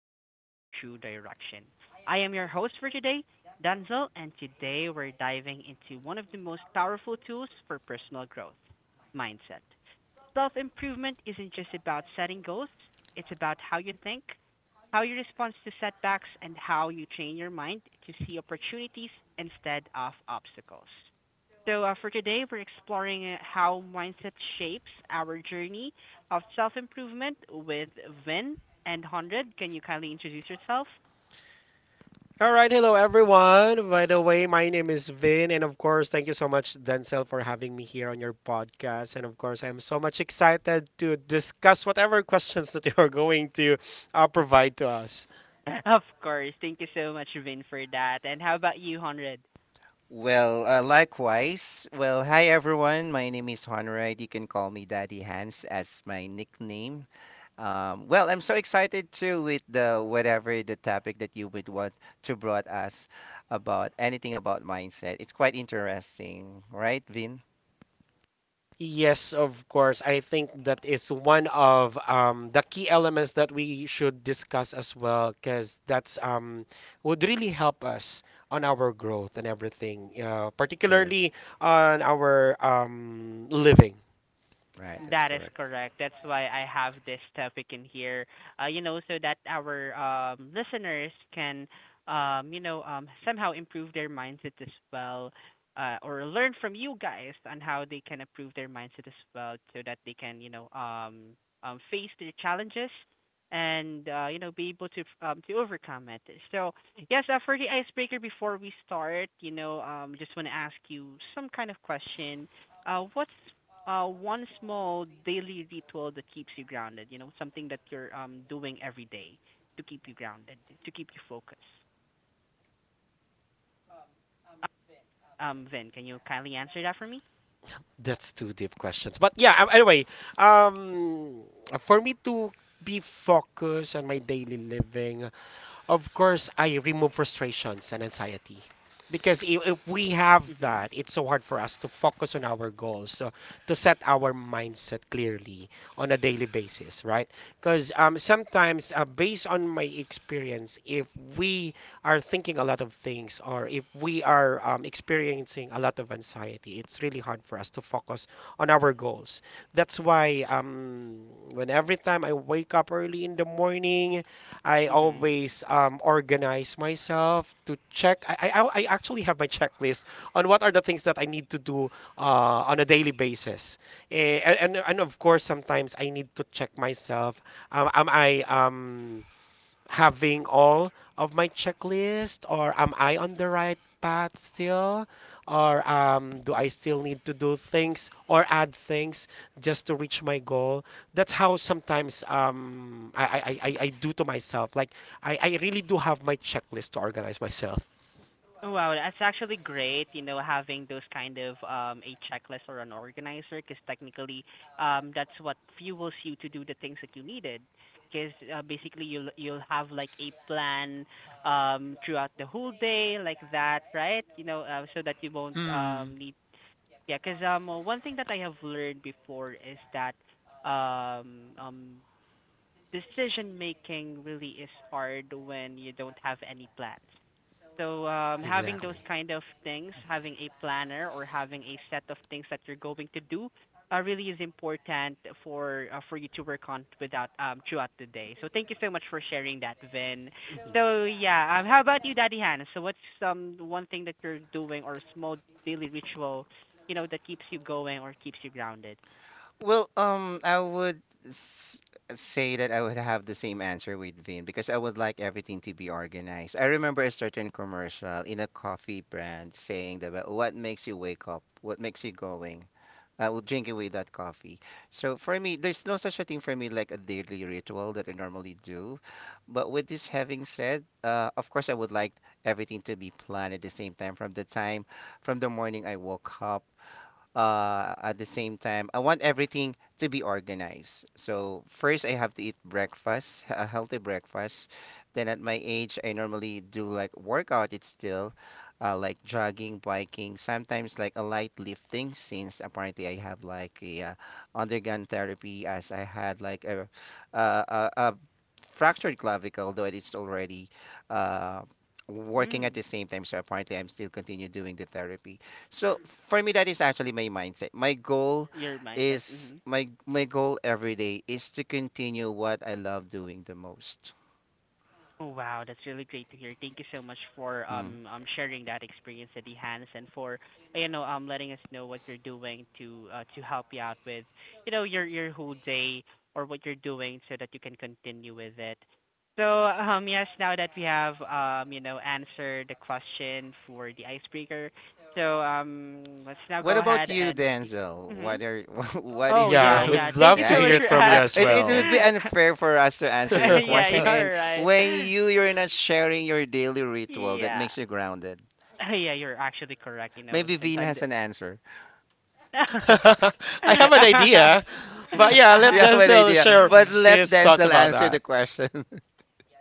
discover your true direction. I am your host for today, Denzel, and today we're diving into one of the most powerful tools for personal growth mindset. Self improvement isn't just about setting goals, it's about how you think, how you respond to setbacks, and how you train your mind to see opportunities instead of obstacles. So for today, we're exploring how mindset shapes our journey of self improvement with Vin and Hundred. Can you kindly introduce yourself? Of course. Thank you so much, Vin, for that. And how about you, Hundred? Well, likewise. Well, hi everyone. My name is Honrad. You can call me Daddy Hans as my nickname. Well, I'm so excited too with the whatever the topic that you would want to brought us about anything about mindset. It's quite interesting, right, Vin? Yes, of course. I think that is one of the key elements that we should discuss as well, because that's would really help us on our growth and everything, particularly on our living. Right, that's That is correct. correct. That's why I have this topic in here, so that our listeners can somehow improve their mindset as well, or learn from you guys on how they can improve their mindset as well, so that they can, face their challenges and be able to overcome it. So yes, for the icebreaker before we start, just want to ask you some kind of question what's one small daily ritual that keeps you grounded? You know, something that you're doing every day to keep you grounded, to keep you focused. Vin, can you kindly answer that for me? That's two deep questions, but yeah. Anyway, um, for me to be focused on my daily living, of course, I remove frustrations and anxiety because if we have Mm-hmm. that, it's so hard for us to focus on our goals, so to set our mindset clearly on a daily basis, right? Because sometimes, based on my experience, if we are thinking a lot of things or if we are experiencing a lot of anxiety, it's really hard for us to focus on our goals. That's why when every time I wake up early in the morning, I Mm-hmm. always organize myself to check. I actually have my checklist on what are the things that I need to do on a daily basis. And of course, sometimes I need to check myself. Am I having all of my checklist, or am I on the right path still, or do I still need to do things or add things just to reach my goal? That's how sometimes I do to myself, like I really do have my checklist to organize myself. Oh, wow, that's actually great, you know, having those kind of a checklist or an organizer, because technically that's what fuels you to do the things that you needed. 'Cause basically you'll have like a plan throughout the whole day like that, right? You know, so that you won't Mm. Need yeah. Because one thing that I have learned before is that um um decision making really is hard when you don't have any plans. So having those Exactly. kind of things, having a planner or having a set of things that you're going to do, really is important for you to work on without throughout the day. So thank you so much for sharing that, Vin. Mhm. So yeah, how about you, Daddy Han? So what's one thing that you're doing or a small daily ritual, you know, that keeps you going or keeps you grounded? Well, I would s- say that I would have the same answer with Vin because I would like everything to be organized. I remember a certain commercial in a coffee brand saying that "Well, what makes you wake up, what makes you going, I will drink away that coffee." So for me, there's no such a thing for me like a daily ritual that I normally do. But with this having said, of course, I would like everything to be planned at the same time from from the morning I woke up, at the same time, I want everything to be organized. So first, I have to eat breakfast, a healthy breakfast. Then at my age, I normally do like workout. It's still like jogging, biking, sometimes like a light lifting, since apparently I have like a undergone therapy as I had like a fractured clavicle, though it's already, uh, working at Mm, the same time. So apparently, I'm still continue doing the therapy. So for me, that is actually my mindset. My goal your mindset. is Mm-hmm. my goal every day is to continue what I love doing the most. Oh, wow, that's really great to hear. Thank you so much for Mm. Sharing that experience, at Hans, and for letting us know what you're doing to help you out with your whole day or what you're doing so that you can continue with it. So yes, now that we have you know answered the question for the icebreaker, so let's now What go about ahead you, and speak. Denzel? Hmm. What are what Oh is your Yeah, yeah, yeah. we'd Thank you love yeah, to so I much hear it think for from you as it asking. would well. be unfair for us to answer your Yeah, question and you're right. when you're not sharing your daily ritual that Yeah. makes you grounded. Yeah, you're actually correct. You know, Maybe since Vin I'm has an answer. I have an idea, but yeah, let You have an Denzel idea, share the but let his thoughts Denzel about answer the that. question.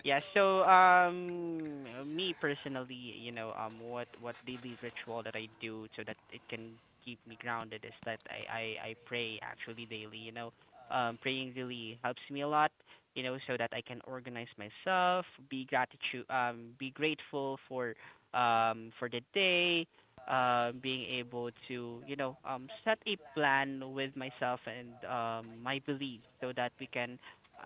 Yeah, so me personally, you know, what daily ritual that I do so that it can keep me grounded is that I pray actually daily, you know. Praying really helps me a lot, you know, so that I can organize myself, be grateful for the day, being able to, you know, set a plan with myself and my beliefs so that we can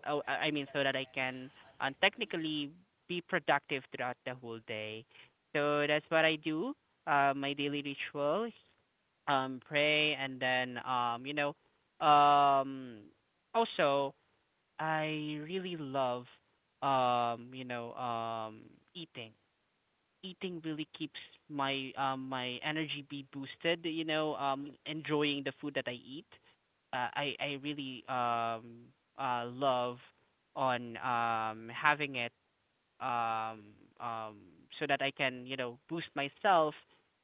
I mean so that I can and technically be productive throughout the whole day. So that's what I do. My daily ritual, pray, and then um, also I really love um, you know, um, eating. Eating really keeps my my energy be boosted. You know, enjoying the food that I eat. I really love on having it um, um, so that I can, you know, boost myself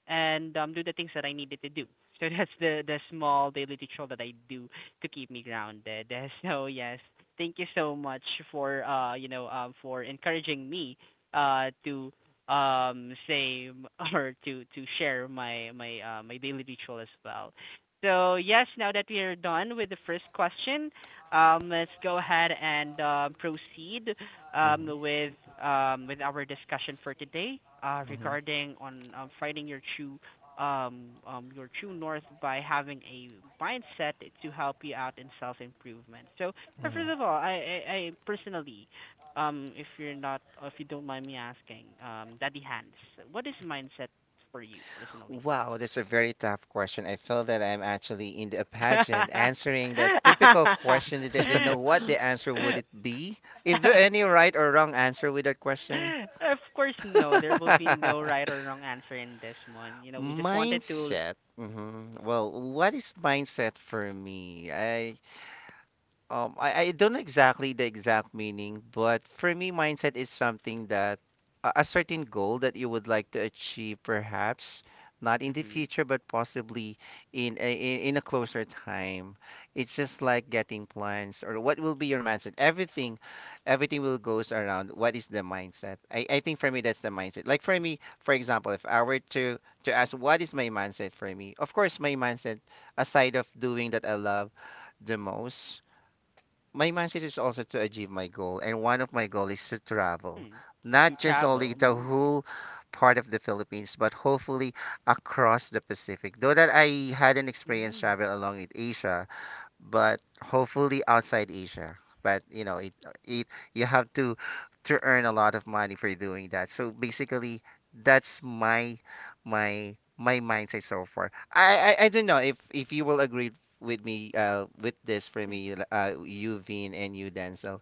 and do the things that I needed to do. So that's the small daily ritual that I do to keep me grounded. So yes, thank you so much for for encouraging me to um say m- or to share my daily ritual as well. So yes, now that we are done with the first question, let's go ahead and proceed um, with with our discussion for today Mhm, regarding on finding your true north by having a mindset to help you out in self improvement. So mhm. first of all, I personally, if you're not, if you don't mind me asking, Daddy Hans, what is mindset for you personally? Wow, that's a very tough question. I feel that I'm actually in the pageant answering the typical question that I didn't know what the answer would it be. Is there any right or wrong answer with that question? Of course, no. There will be no right or wrong answer in this one. You know, we just wanted to Mindset. Hmm. Well, what is mindset for me? I don't know exactly the exact meaning, but for me, mindset is something that a certain goal that you would like to achieve, perhaps not in the mhm, future, but possibly in in a closer time. It's just like getting plans or what will be your mindset. Everything will goes around what is the mindset. I think for me that's the mindset. Like for me, for example, if I were to ask what is my mindset for me, of course my mindset aside of doing that I love the most, my mindset is also to achieve my goal, and one of my goal is to travel, mm, to not just only travel. the whole part of the Philippines, but hopefully across the Pacific. Though that I had an experience Mm, travel along with Asia, but hopefully outside Asia. But you know, it you have to earn a lot of money for doing that. So basically, that's my mindset so far. I don't know if you will agree with me with this for mm, me, you Vin and you Denzel.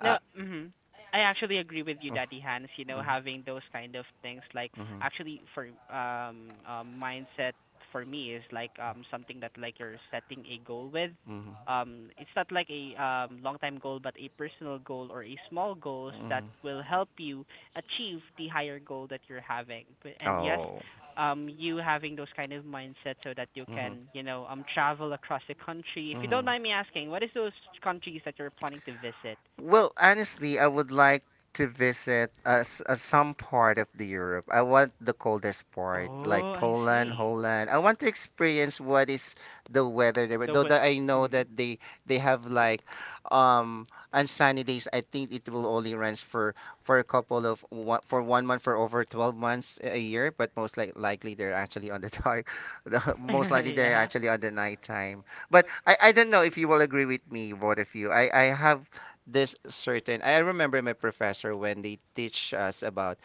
Uh, no, mhm. I actually agree with you, Daddy Hans, you know, mhm, having those kind of things like mhm, actually for mindset for me is like something that like you're setting a goal with. mhm, It's not like a long time goal but a personal goal or a small goals that mhm, will help you achieve the higher goal that you're having. But and yes, Oh. You having those kind of mindset so that you Mhm. can, you know, travel across the country. If you don't Mhm. mind me asking, what is those countries that you're planning to visit? Well, honestly, I would like to visit some part of the Europe. I want the coldest part, like Oh, I Poland, see. Holland. I want to experience what is the weather there. So Though what? that I know Mhm. that they have like on sunny days. I think it will only runs for a couple of one, for one month for over 12 months a year, but likely they're actually on the dark. Most likely they're Yeah. actually on the nighttime. But I don't know if you will agree with me, both of you. I have this certain, I remember my professor when they teach us about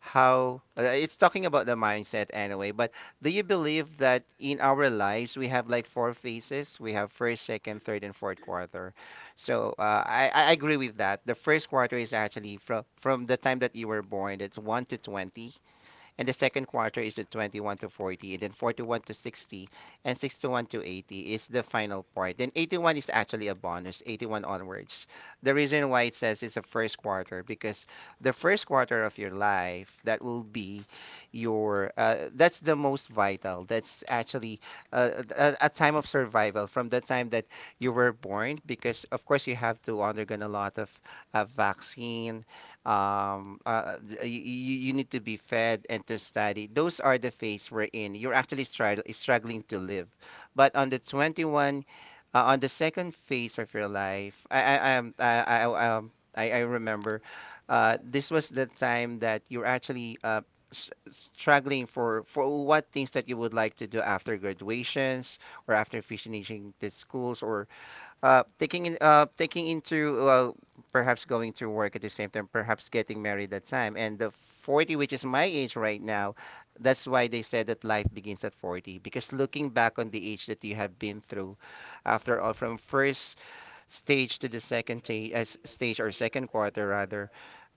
how, it's talking about the mindset anyway. But do you believe that in our lives we have like four phases? We have first, second, third and fourth quarter. So I agree with that. The first quarter is actually from the time that you were born, that's 1 to 20, and the second quarter is at 21 to 40, and then 41 to 60, and 61 to 80 is the final part. Then 81 is actually a bonus, 81 onwards. The reason why it says it's a first quarter because the first quarter of your life that will be your, that's the most vital. That's actually a time of survival from the time that you were born, because of course you have to undergo a lot of vaccine, um uh, you, you need to be fed and to study. Those are the phase we're in, you're actually struggling to live. But on the 21, on the second phase of your life, I am- I remember, this was the time that you're actually, struggling for what things that you would like to do after graduations or after finishing the schools, or taking into, perhaps going to work at the same time, perhaps getting married that time, and the 40, which is my age right now, that's why they said that life begins at 40, because looking back on the age that you have been through, after all, from first stage to the second stage, or second quarter rather,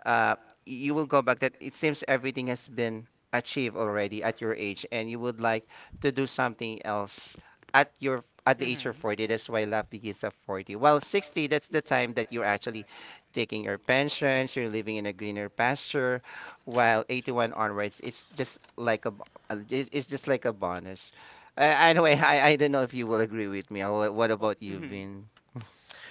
uh, you will go back that it seems everything has been achieved already at your age and you would like to do something else at your at the age of Mhm. 40. That's why love begins at 40. Well, 60, that's the time that you're actually taking your pensions, you're living in a greener pasture. While 81 onwards, it's just like a it's just like a bonus, anyway. Mhm. I don't know if you will agree with me. What Well, about you, mhm. Vin?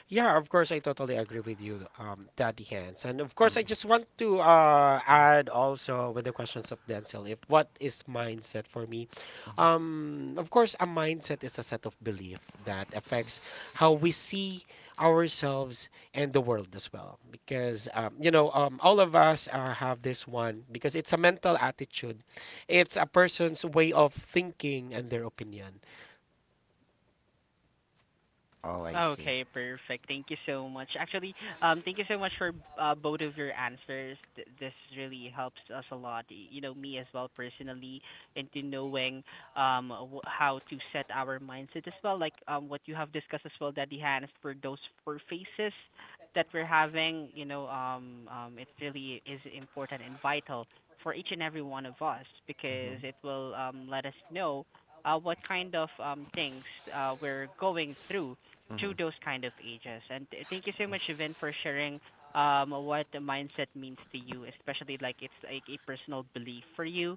Yeah, of course, I totally agree with you, Daddy Hands. And of course, I just want to add also with the questions of Denzel, if what is mindset for me? Of course, a mindset is a set of belief that affects how we see ourselves and the world as well. Because all of us have this one because it's a mental attitude. It's a person's way of thinking and their opinion. Oh, I, okay, see. Okay, perfect. Thank you so much. Actually, thank you so much for both of your answers. This really helps us a lot. You know, me as well personally, into knowing how to set our mindset as well. Like what you have discussed as well, Daddy Hans, for those four phases that we're having. You know, it really is important and vital for each and every one of us because Hmm. it will let us know what kind of things we're going through Hmm. through those kind of ages. And thank you so much, Vin, for sharing what the mindset means to you, especially like it's like a personal belief for you.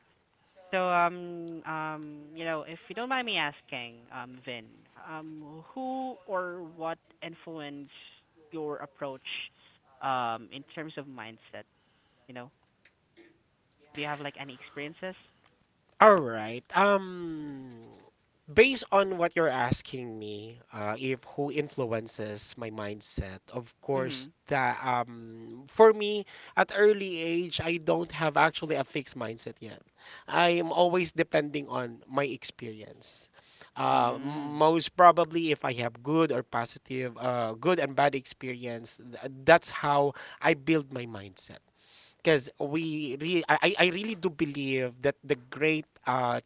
So you know, if you don't mind me asking, Vin, who or what influenced your approach in terms of mindset, you know? Do you have like any experiences? All right. Based on what you're asking me, if who influences my mindset, of course, Mhm. that for me at early age, I don't have actually a fixed mindset yet. I am always depending on my experience. Mm. Most probably, if I have good or positive, good and bad experience, that's how I build my mindset, because I really do believe that the great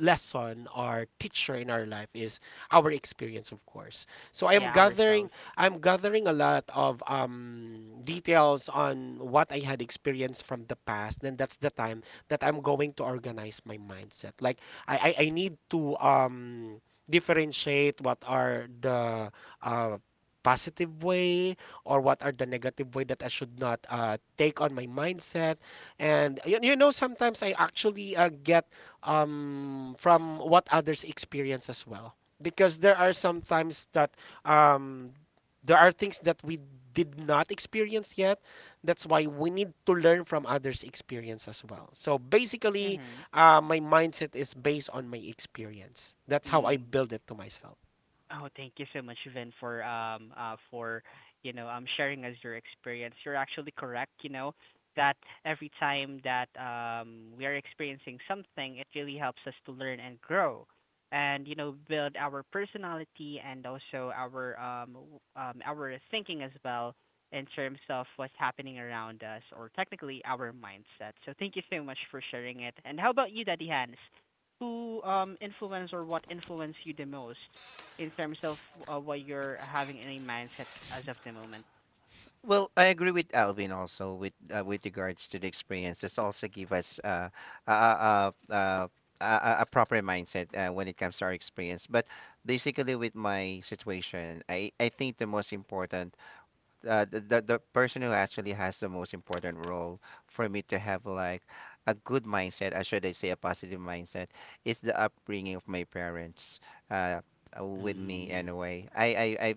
lesson or teacher in our life is our experience, of course. So i am Yeah, gathering ourselves. i'm gathering a lot of details on what I had experienced from the past. Then that's the time that I'm going to organize my mindset. Like I need to differentiate what are the uh, positive way or what are the negative way that I should not take on my mindset. And you know, sometimes I actually get from what others experience as well. Because there are some times that um, there are things that we did not experience yet. That's why we need to learn from others' experience as well. So basically, Mhm. My mindset is based on my experience. That's how I Mm. build it to myself. Oh, thank you so much, Vin, for sharing us your experience. You're actually correct, you know, that every time that we are experiencing something, it really helps us to learn and grow and you know build our personality and also our our thinking as well in terms of what's happening around us or technically our mindset. So thank you so much for sharing it. And how about you, Daddy Hans? Who influenced or what influenced you the most in terms of what you're having in a mindset as of the moment. Well, I agree with Alvin also with, with regards to the experiences. Also give us a, a, a, a proper mindset, when it comes to our experience. But basically, with my situation, I think the most important, the person who actually has the most important role for me to have like a good mindset, or should I say a positive mindset, is the upbringing of my parents, uh, with me Mm. anyway. I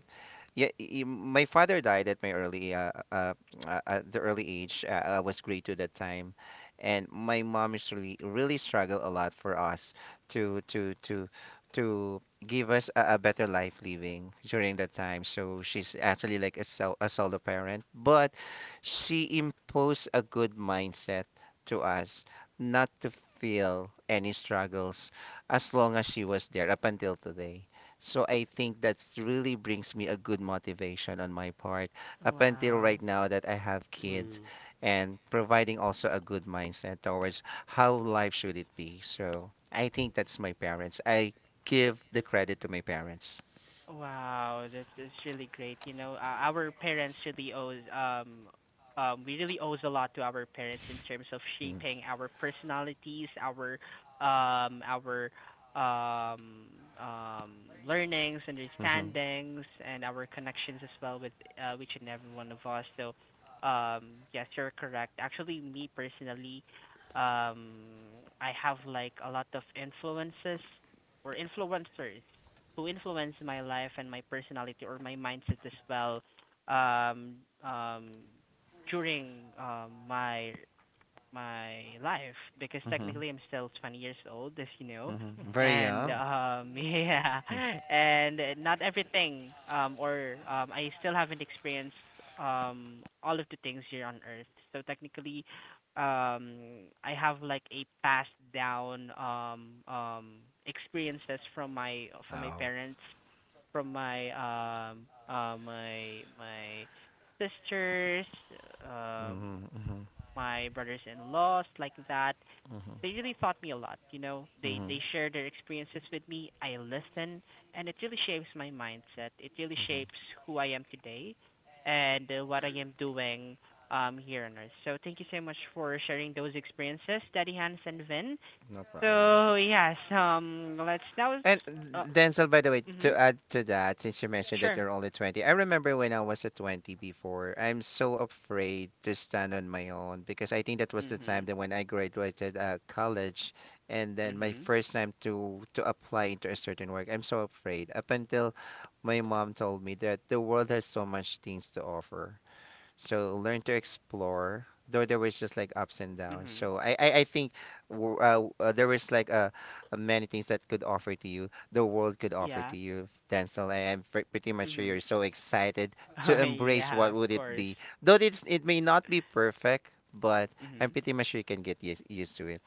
yeah, my father died at my early at the early age. I was grade two that time, and my mom is really really struggled a lot for us to to to to give us a better life living during that time. So she's actually like a sol a solo parent, but she imposed a good mindset to us not to feel any struggles as long as she was there up until today. So I think that's really brings me a good motivation on my part up until Wow. right now that I have kids Mm. and providing also a good mindset towards how life should it be. So I think that's my parents. I give the credit to my parents. Wow, that's really great. You know, our parents really owes we really owes a lot to our parents in terms of Mm. shaping our personalities, our um um learnings, Mhm. understandings, and our connections as well with each and every one of us. So, yes, you're correct. Actually, me personally, um I have like a lot of influences or influencers who influenced my life and my personality or my mindset as well um um during my life because Mhm. technically I'm still 20 years old, as you know. Mhm. Very And young. Yeah, Mm. and not everything or I still haven't experienced all of the things here on earth. So technically I have like a passed down experiences from my Oh. parents, from my my sisters um Mhm. Mhm. my brothers-in-laws like that. Mhm. They really taught me a lot, you know. They Mhm. they share their experiences with me. I listen, and it really shapes my mindset. It really shapes who I am today and what I am doing here on earth. So thank you so much for sharing those experiences, Daddy Hans and Vin. So yes, let's now And s- uh, Denzel, by the way, mhm. to add to that, since you mentioned that Sure. you're only 20, I remember when I was a 20 before, I'm so afraid to stand on my own, because I think that was the time Mhm. that when I graduated, college, and then my Mhm. first time to apply into a certain work, I'm so afraid. Up until my mom told me that the world has so much things to offer. So learn to explore. Though there was just like ups and downs. Mhm. So I think, there was like many things that could offer to you. The world could offer to Yeah. you, Denzel. I am pretty much sure you're Mhm. so excited to Oh embrace yeah, what of would it course. be. Though it's it may not be perfect, but I'm Mhm. pretty much sure you can get used to it.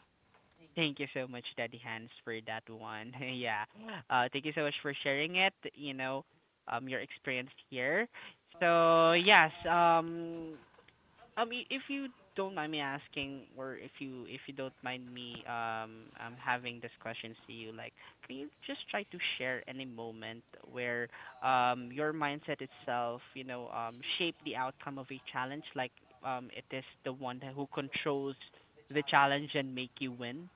Thank you so much, Daddy Hans, for that one. Yeah. Thank you so much for sharing it, you know, your experience here. So, if you don't mind me asking, or if you don't mind me having this question to you, like, can you just try to share any moment where your mindset itself, you know, shaped the outcome of a challenge, like it is the one that who controls the challenge and make you win?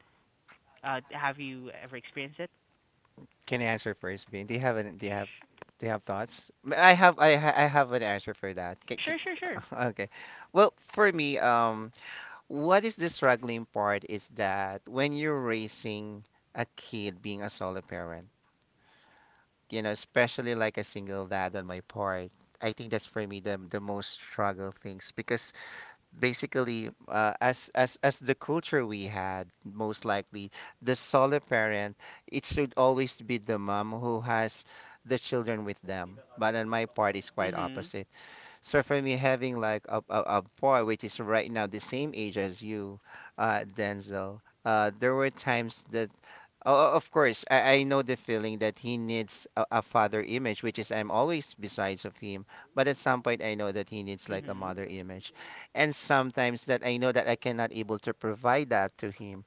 Have you ever experienced it? Can I answer first, Bean? Do you have an, Sh- do you have, do you have thoughts? I have I have an answer for that. Sure, sure, sure. Okay. Well, for me. What is the struggling part is that when you're raising a kid being a solo parent, you know, especially like a single dad on my part, I think that's for me the most struggle things because basically as the culture we had, most likely the solo parent, it should always be the mom who has the children with them, but on my part it's quite Mhm. opposite. So for me, having like a boy, which is right now the same age as you, Denzel, there were times that, oh, of course, I know the feeling that he needs a father image, which is I'm always besides of him. But at some point, I know that he needs like a Mhm. mother image, and sometimes that I know that I cannot able to provide that to him.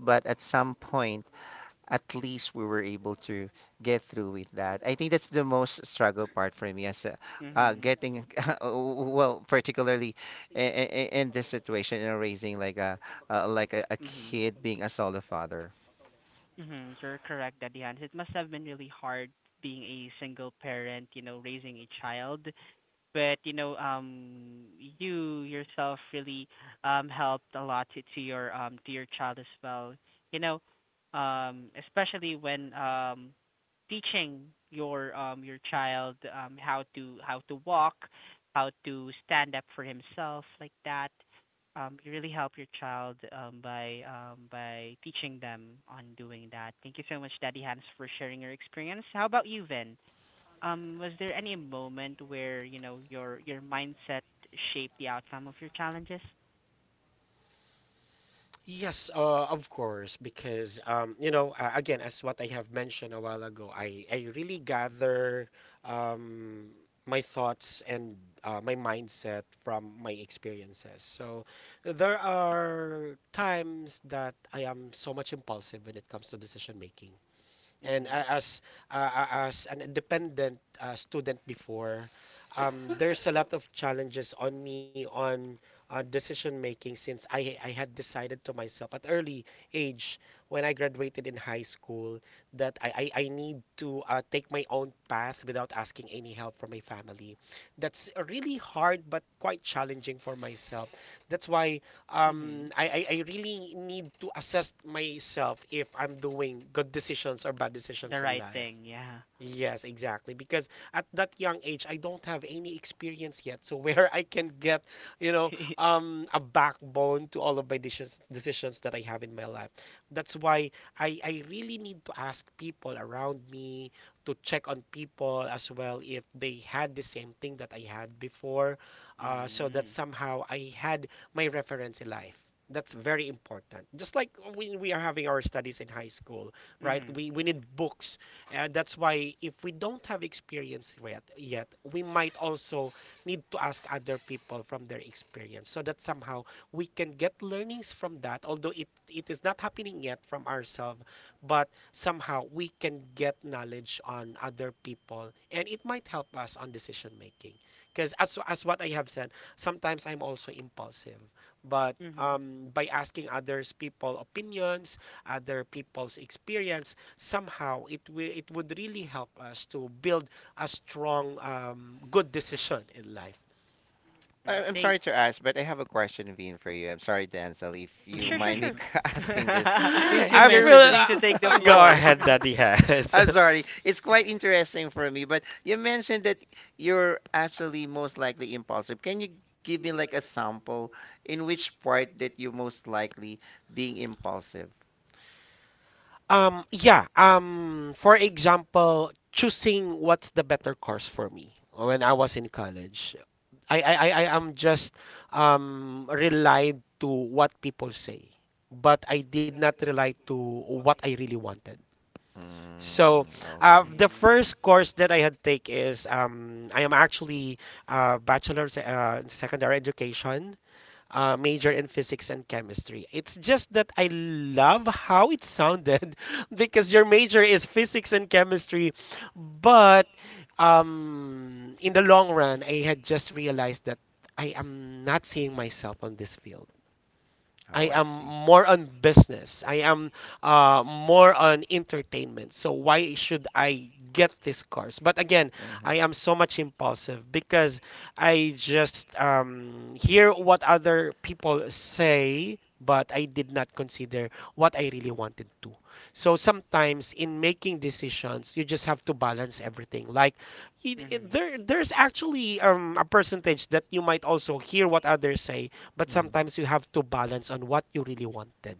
But at some point, at least we were able to get through with that. I think that's the most struggle part for me as a, Mhm. getting well, particularly in this situation, you know, raising like a like Uh, a Mhm. kid being a solo father. Mhm. You're correct, Daddy Hans. It must have been really hard being a single parent, you know, raising a child. But you know, you yourself really helped a lot to your to your child as well, you know, especially when teaching your child, um, how to walk, how to stand up for himself, like that. You really help your child by teaching them on doing that. Thank you so much, Daddy Hans, for sharing your experience. How about you, Vin? Was there any moment where, you know, your mindset shaped the outcome of your challenges? Yes, of course, because again, as what I have mentioned a while ago, I really gather um, my thoughts and my mindset from my experiences. So there are times that I am so much impulsive when it comes to decision making. And Mhm. As an independent student before, there's a lot of challenges on me on decision making, since I had decided to myself at early age when I graduated in high school that I need to take my own path without asking any help from my family. That's really hard but quite challenging for myself. That's why um, Mhm. I, I, I really need to assess myself if I'm doing good decisions or bad The decisions in right life. thing, yeah. Yes, exactly. Because at that young age, I don't have any experience yet. So where I can get, a backbone to all of my decisions that I have in my life. That's why I really need to ask people around me, to check on people as well if they had the same thing that I had before, so that Mm. somehow I had my reference in life. That's very important. Just like when we are having our studies in high school, right? Mhm. We need books. And that's why if we don't have experience yet, we might also need to ask other people from their experience so that somehow we can get learnings from that, although it is not happening yet from ourselves, but somehow we can get knowledge on other people and it might help us on decision making. Because as what I have said, sometimes I'm also impulsive. But Mhm. By asking others people opinions, other people's experience, somehow it would really help us to build a strong good decision in life. Mm. I'm Thank. sorry to ask, but I have a question, Vin, for you. I'm sorry, Denzel, if you Sure, sure, mind me sure. asking this. Since you I You're mentioned that, free to take feel the go floor. ahead, Daddy has. I'm sorry, it's quite interesting for me, but you mentioned that you're actually most likely impulsive. Can you give me like a sample in which part that you most likely being impulsive? Yeah, for example, choosing what's the better course for me when I was in college. I am just relied to what people say, but I did not rely to what I really wanted. So, Mm, okay. the Mm. first course that I had take is I am actually bachelor's in secondary education, major in physics and chemistry. It's just that I love how it sounded, because your major is physics and chemistry, but in the long run, I had just realized that I am not seeing myself on this field. Oh, I I am see. more on business. I am more on entertainment. So why should I get this course? But again, Mhm. I am so much impulsive because I just hear what other people say, but I did not consider what I really wanted to. So sometimes in making decisions, you just have to balance everything. Like it, it- Mhm. there, there's actually a percentage that you might also hear what others say, but Mhm. sometimes you have to balance on what you really wanted.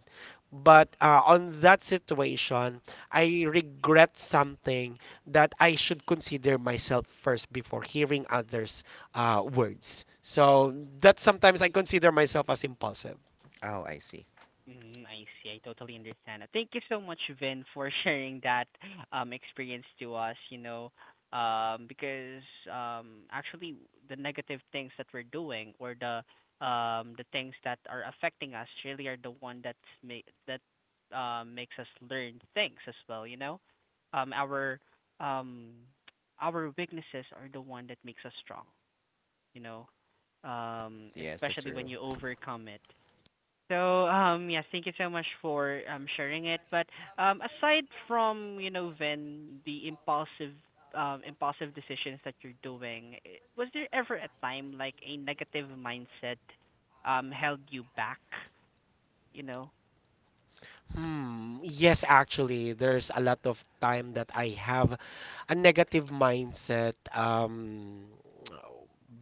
But on that situation, I regret something that I should consider myself first before hearing others' words. So that sometimes I consider myself as impulsive. Oh, I see. Mm, I see. I totally understand. Thank you so much, Vin, for sharing that experience to us, you know, because actually the negative things that we're doing, or the things that are affecting us, really are the one that makes us learn things as well, you know. Um our um our weaknesses are the one that makes us strong, you know. Yes, that's Especially when true. you overcome it. So, yes, thank you so much for sharing it. But aside from, you know, Vin, the impulsive decisions that you're doing, was there ever a time like a negative mindset held you back, you know? Hmm. Yes, actually, there's a lot of time that I have a negative mindset.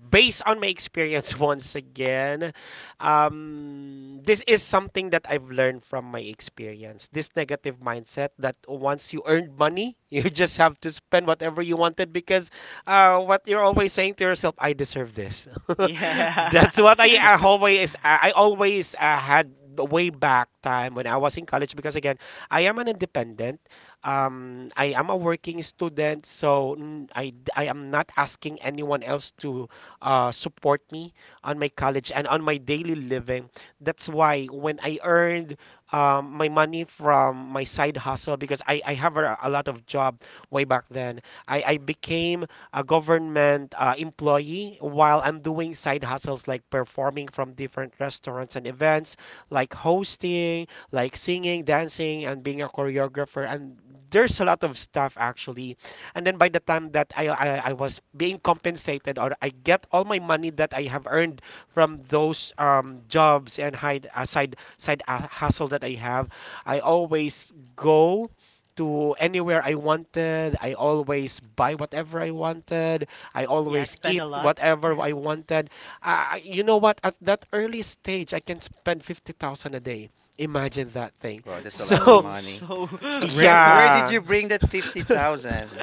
Based on my experience once again, this is something that I've learned from my experience. This negative mindset that once you earned money, you just have to spend whatever you wanted, because what you're always saying to yourself, I deserve this. Yeah. That's what I, I always I I always had way back time when I was in college, because again, I am an independent. I am a working student, so I am not asking anyone else to support me on my college and on my daily living. That's why when I earned my money from my side hustle, because I have a lot of job way back then, I became a government employee while I'm doing side hustles like performing from different restaurants and events, like hosting, like singing, dancing, and being a choreographer. And there's a lot of stuff actually. And then by the time that I was being compensated, or I get all my money that I have earned from those jobs and side hustle that I have, I always go to anywhere I wanted. I always buy whatever I wanted. I Yeah, I always spend eat a lot. whatever I wanted. You know what? At that early stage, I can spend 50,000 a day. Imagine that thing. Well, that's a lot of So Oh, money. so Where did yeah. you bring that 50,000?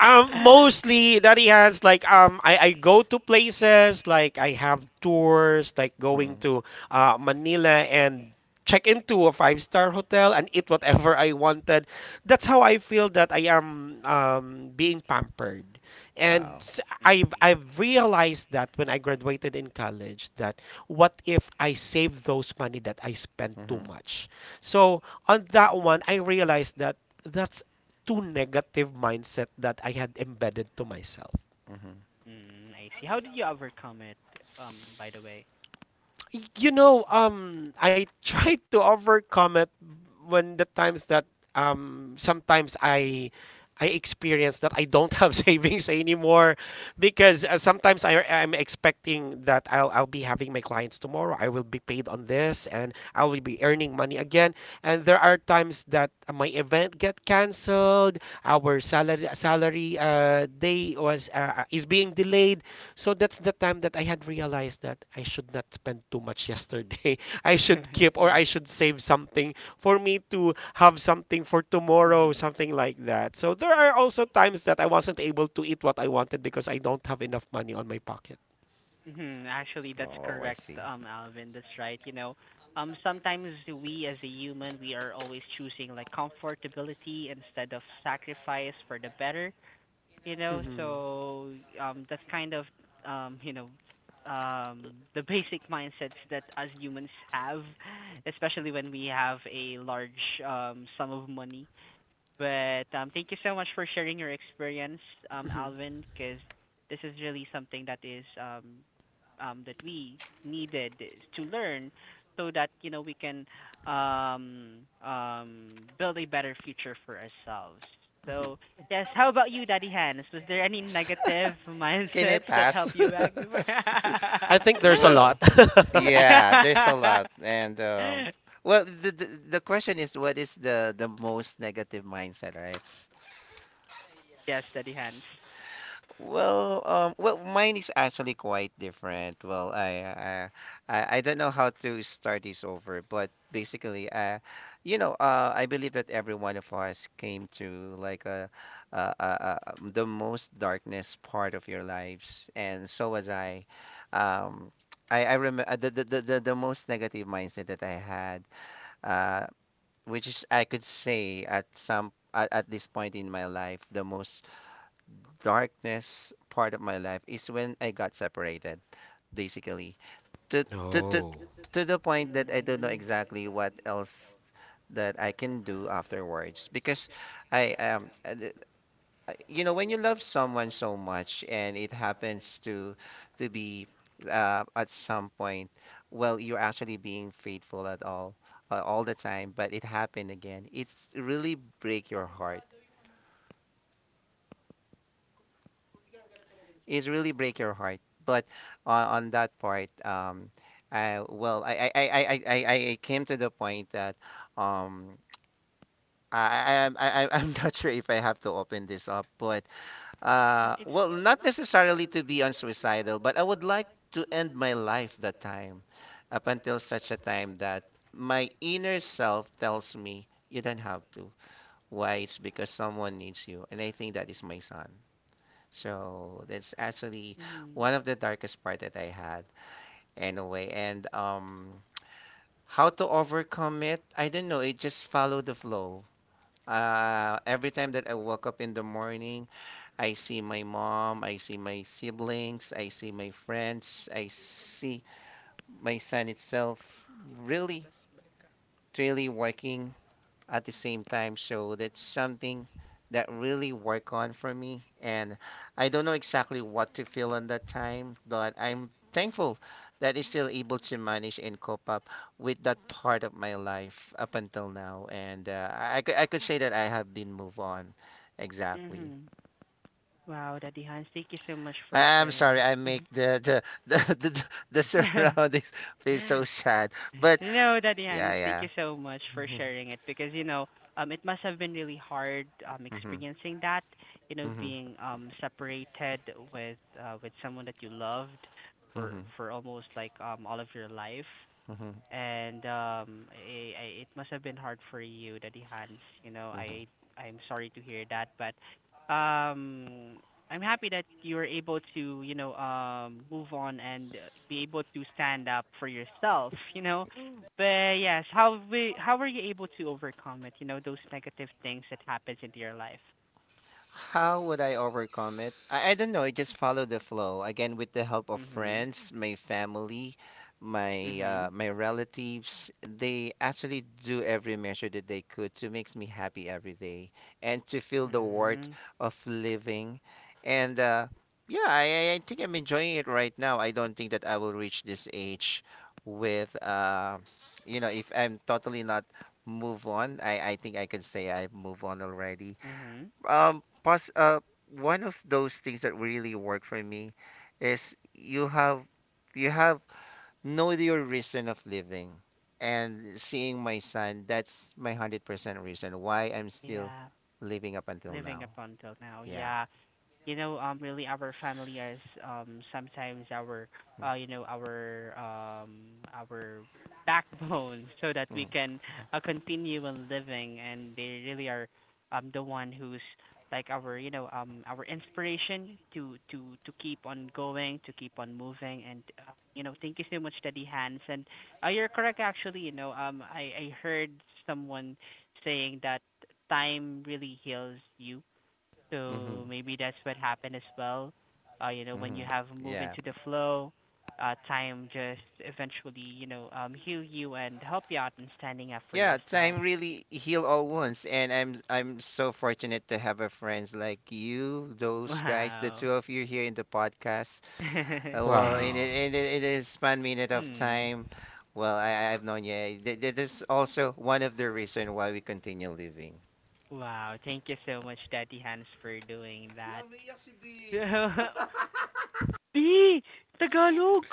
Mostly Daddy Hands, like I go to places, like I have tours, like going Mm. to Manila and check into a five-star hotel and eat whatever I wanted. That's how I feel that I am being pampered. And Wow. Mm, I've realized that when I graduated in college, that what if I save those money that I spent too Mm-hmm. much? So on that one, I realized that that's too negative mindset that I had embedded to myself. Mm-hmm. mm, I see. How did you overcome it, by the way? You know, I try to overcome it when the times that sometimes I experience that I don't have savings anymore, because sometimes I am expecting that I'll be having my clients tomorrow. I will be paid on this and I will be earning money again. And there are times that my event get canceled, our salary day was is being delayed. So that's the time that I had realized that I should not spend too much yesterday. I should keep, or Yeah. I should save something for me to have something for tomorrow, Mhm. something like that. So there are also times that I wasn't able to eat what I wanted because I don't have enough money on my pocket. Mhm. Actually, that's Oh, I correct, see. Alvin. That's right. You know, sometimes we, as a human, we are always choosing like comfortability instead of sacrifice for the better. You know, Hmm. so that's kind of you know, the basic mindsets that as humans have, especially when we have a large sum of money. But thank you so much for sharing your experience, Hmm. Alvin, because this is really something that is that we needed to learn so that, you know, we can um, build a better future for ourselves. Hmm. So yes, how about you, Daddy Hans? Was there any negative Can I mindsets that pass? helped you back before? I think there's a lot. Well, yeah, there's a lot, and well, the, the question is, what is the most negative mindset, right? Yes, Daddy Hans. Well, well, mine is actually quite different. Well, I don't know how to start this over, but basically, you know, I believe that every one of us came to like a the most darkness part of your lives, and so was I. Um, I remember the most negative mindset that I had, uh, which is I could say at at this point in my life, the most darkness part of my life is when I got separated, basically. To to to to the point that I don't know Mm, exactly what else that I can do afterwards because I um uh, the- you know, when you love someone so much and it happens to be at some point, well, you're actually being faithful at all the time, but it happened again. It's really break your heart, is really break your heart. But on that part, I came to the point that um, I'm not sure if I have to open this up, but it's. well, not necessarily to be on suicidal, but I would like to end my life that time, up until such a time that my inner self tells me you don't have to. Why? It's because someone needs you, and I think that is my son. So that's actually Mhm. one of the darkest part that I had anyway. And how to overcome it? I don't know. It just follow the flow. Every time that I woke up in the morning, I see my mom, I see my siblings, I see my friends, I see my son itself really, really working at the same time. So that's something that really work on for me. And I don't know exactly what to feel on that time, but I'm thankful that I'm still able to manage and cope up with that part of my life up until now. And I could say that I have been move on. Exactly. Mm-hmm. Wow, Daddy Hans, thank you so much for I'm sorry, sharing. I make Mhm. the the surroundings feel so sad. But No, Daddy Hans, yeah, thank yeah. you so much for Mhm, sharing it, because you know, it must have been really hard mhm, experiencing that, you know, mhm, being separated with someone that you loved for mhm, for almost like all of your life. mhm, And um, I, it must have been hard for you, Daddy Hans. You know, mhm. I'm sorry to hear that, but um I'm happy that you were able to, you know, move on, and be able to stand up for yourself, you know. But yes, how were you able to overcome it, you know, those negative things that happens into your life? How would I overcome it? I don't know. I just follow the flow. Again, with the help of Mhm. friends, my family, my Mhm. my relatives, they actually do every measure that they could to makes me happy every day and to feel the worth Mhm. of living. And yeah, I think I'm enjoying it right now. I don't think that I will reach this age with you know, if I'm totally not move on. I think I can say I've moved on already, Mhm. Pos one of those things that really work for me is you have know your reason of living, and seeing my son, that's my 100% reason why I'm still Yeah. living up until Living now. up until now. Yeah. Yeah. You know, really our family is sometimes our uh you know our um our backbone, so that we Mhm. can continue on living, and they really are the one who's like our, you know, our inspiration to to keep on going, to keep on moving. And you know, thank you so much, Daddy Hans. And you're correct, actually. You know, I heard someone saying that time really heals you, so Mhm. maybe that's what happened as well. You know, when you Mhm. have move Yeah. into the flow, time just eventually, you know, heal you and help you out in standing up for Yeah, yourself. time really heal all wounds, and I'm so fortunate to have a friends like you, those guys, the Wow. two of you here in the podcast. Well, Hmm. In a span minute of time, well, I've known you. This is also one of the reason why we continue living. Wow. Thank you so much, Daddy Hans, for doing that. B Tagalog.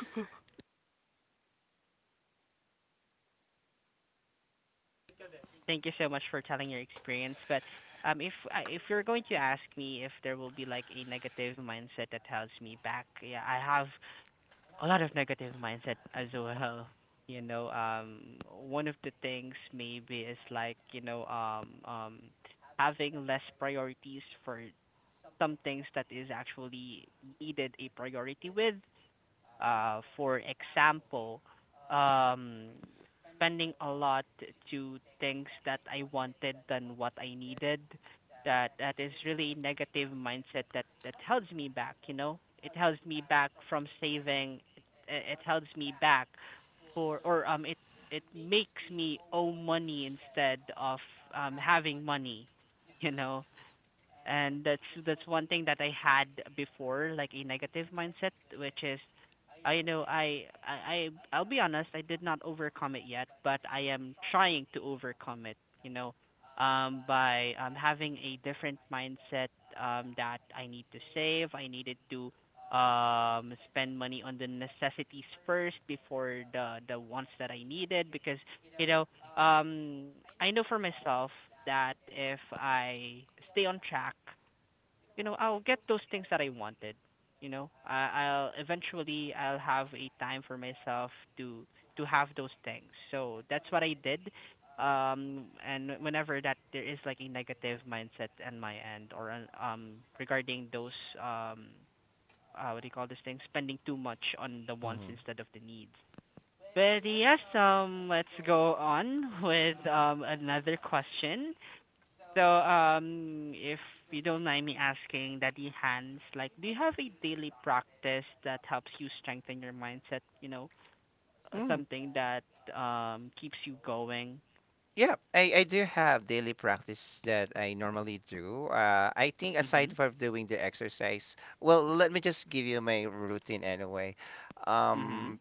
Thank you so much for telling your experience. But if you're going to ask me if there will be like a negative mindset that holds me back, yeah, I have a lot of negative mindset as well. You know, one of the things maybe is like, you know, having less priorities for some things that is actually needed a priority with, for example, um, spending a lot to things that I wanted than what I needed. That is really negative mindset that holds me back. You know, it holds me back from saving. It holds me back for, or it makes me owe money instead of having money. You know, and that's one thing that I had before, like a negative mindset, which is, I know I I'll be honest, I did not overcome it yet, but I am trying to overcome it, you know, by having a different mindset, that I need to save, I needed to spend money on the necessities first before the wants that I needed, because you know um I know for myself that if I stay on track, you know, I'll get those things that I wanted. You know, I'll eventually I'll have a time for myself to have those things. So that's what I did. And whenever that there is like a negative mindset on my end, regarding those um what do you call this thing, spending too much on the wants instead of the needs. But yes, let's go on with another question. So, if you don't mind me asking, Daddy Hans, like, do you have a daily practice that helps you strengthen your mindset? You know, Mm. something that keeps you going. Yeah, I do have daily practice that I normally do. I think Mhm. aside from doing the exercise, well, let me just give you my routine anyway. Mhm. Um,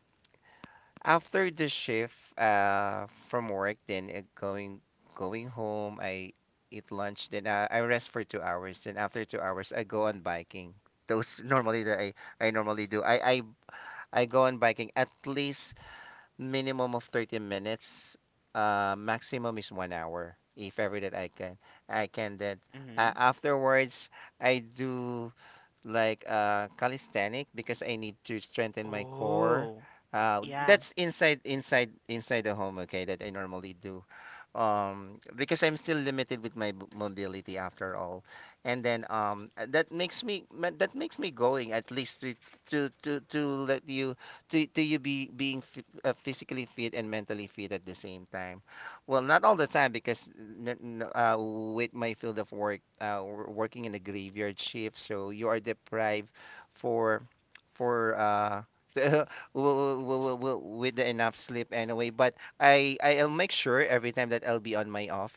After the shift from work, then going home, I eat lunch, then I rest for 2 hours. Then after 2 hours, I go on biking. Those normally that I normally do. I go on biking at least minimum of 30 minutes. Maximum is 1 hour if ever that I can that. Mhm. Afterwards, I do like calisthenic because I need to strengthen my core. Oh, yeah. That's inside the home, okay, that I normally do. Because I'm still limited with my mobility after all. And then that makes me that makes me going at least to let to you be being f physically fit and mentally fit at the same time. Well, not all the time because with my field of work, we're working in a graveyard shift, so you are deprived for for w- w- w- w- with the enough sleep anyway. But I'll make sure every time that I'll be on my off,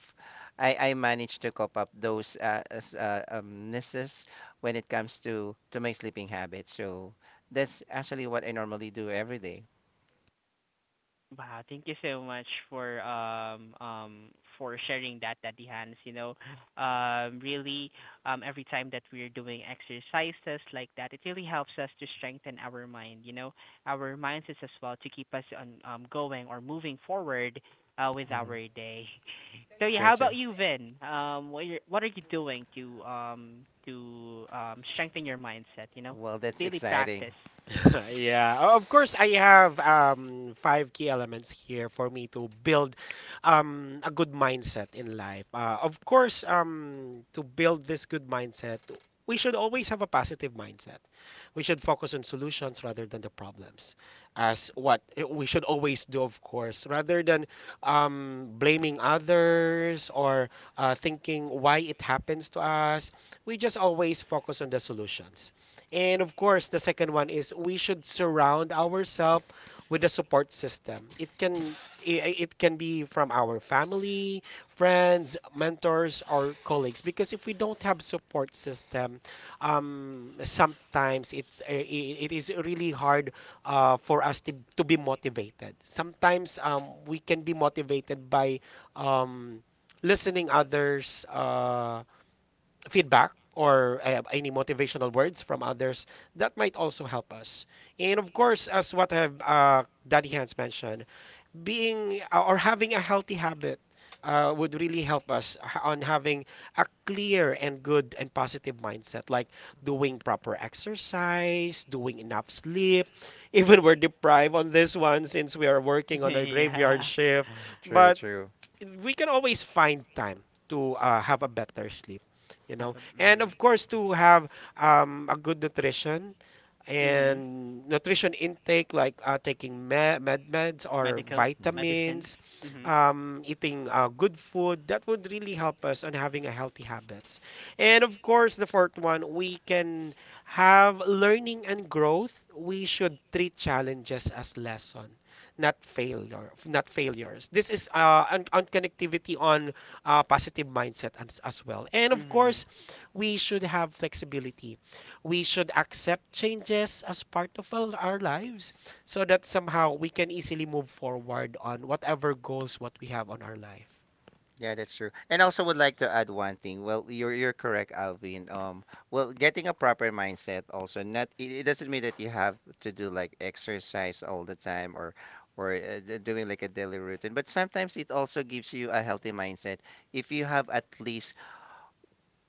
I manage to cope up those misses when it comes to my sleeping habit. So that's actually what I normally do every day. Wow, thank you so much for sharing that, Daddy Hans. You know, really every time that we're doing exercises like that, it really helps us to strengthen our mind, you know, our mindsets as well, to keep us on going or moving forward with Mhm. our day. So yeah, Sure, how about sure. you, Vin? What are you doing to um, strengthen your mindset, you know? Well, that's Daily exciting. practice. Yeah. True, true. Have a, mhm. Mhm. Medical medicines. Mhm. Mhm. Yeah, that's true. And also would like to add one thing. Well, you're correct, Alvin. Well, getting a proper mindset also not it doesn't mean that you have to do like exercise all the time or doing like a daily routine, but sometimes it also gives you a healthy mindset if you have at least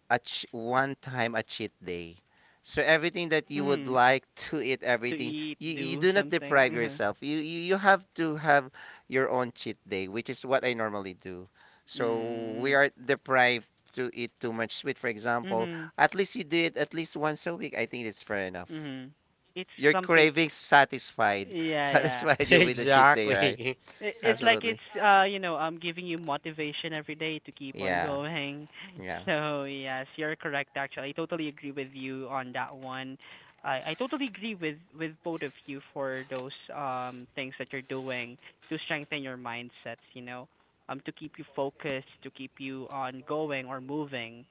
one time a cheat day. So everything that you would Mhm. like to eat, To everything eat, you do do not deprive something. yourself. You have to have your own cheat day, which is what I normally do. So we Mhm. Mm. are deprived to eat too much sweet, for example. Mhm. At least you do it at least once a week. I think it's fair enough. Mhm. It's Your something. cravings satisfied, Yeah, yeah. satisfied you with the cheat day, right? It's like it's Absolutely. uh, you know, um, giving you motivation every day to keep on Yeah, going. yeah. So yes, you're correct. Actually, I totally agree with you on that one. I totally agree with both of you for those things that you're doing to strengthen your mindsets. You know, to keep you focused, to keep you on going or moving.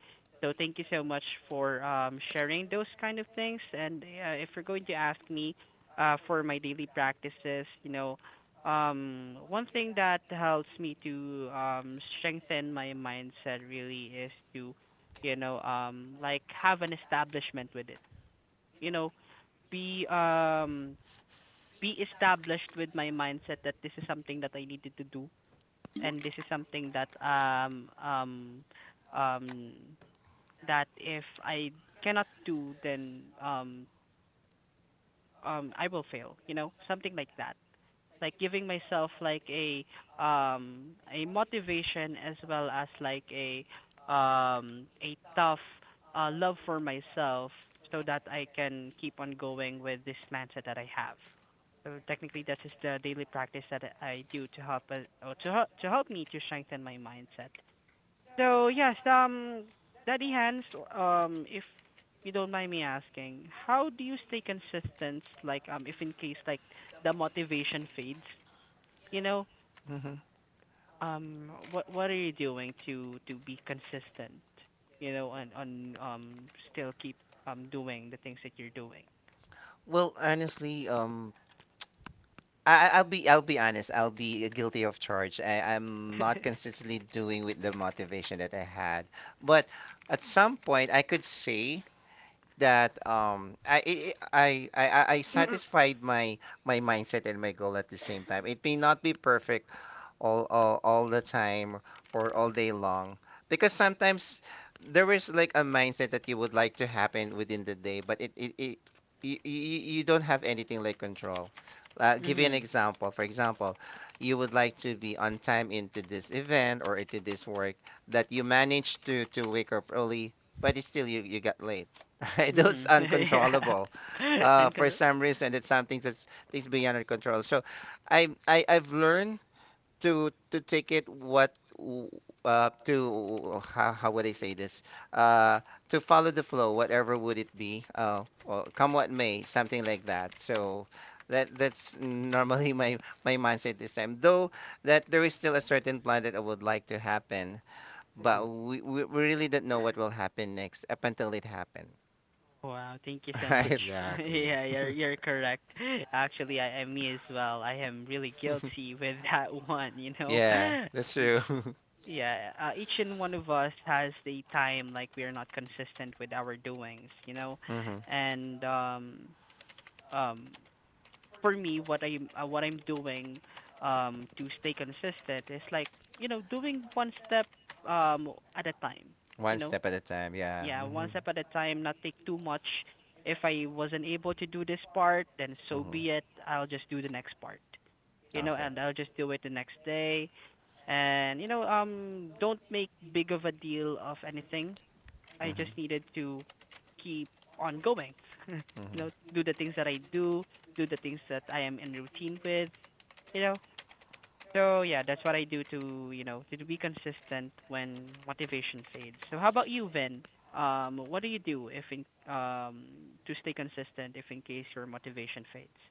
So thank you so much for sharing those kind of things. And if you're going to ask me, uh, for my daily practices, you know, one thing that helps me to strengthen my mindset really is to, you know, um, like have an establishment with it. You know, be um be established with my mindset that this is something that I needed to do, and this is something that um that if I cannot do, then I will fail, you know, something like that. Like giving myself like a motivation, as well as like a tough love for myself, so that I can keep on going with this mindset that I have. So technically that is the daily practice that I do to help or to help me to strengthen my mindset. So yes, um, Daddy Hans, um, if you don't mind me asking, how do you stay consistent, like, um, if in case like the motivation fades? You know, what are you doing to be consistent, you know, and on still keep doing the things that you're doing? Well, honestly, I- will be I'll be honest. I'll be guilty of charge. I'm not consistently doing with the motivation that I had. But at some point, I could say that I satisfied my my mindset and my goal at the same time. It may not be perfect all the time or all day long because sometimes there is like a mindset that you would like to happen within the day but it you, you don't have anything like control. Give you an Mhm. example, for example, you would like to be on time into this event or into this work that you managed to wake up early but it's still you you got late right, those Mhm. Yeah. uncontrollable And for control. some reason, it's something that's things beyond our control. So I I've learned to take it what to how would I say this? Uh to follow the flow, whatever would it be, or come what may, something like that. So that that's normally my mindset this time. Though that there is still a certain plan that I would like to happen, but we really don't know what will happen next up until it happen, Wow, thank you so much. right? Yeah, you're correct. Actually, I me as well. I am really guilty with that one, you know. Yeah, that's true. Yeah, each and one of us has the time like we are not consistent with our doings, you know, Hmm. and um, for me, what I'm doing to stay consistent is like, you know, doing one step at a time, you One know. step at a time, yeah. Yeah, one Hmm. step at a time, not take too much. If I wasn't able to do this part, then so Hmm. be it. I'll just do the next part, you know, Okay. and I'll just do it the next day. And don't make big of a deal of anything. I Hmm. just needed to keep on going. you Hmm. know do the things that I do, do the things that I am in routine with, you know. So yeah, that's what I do to, you know, to be consistent when motivation fades. So how about you, Vin? What do you do if in, um to stay consistent if in case your motivation fades?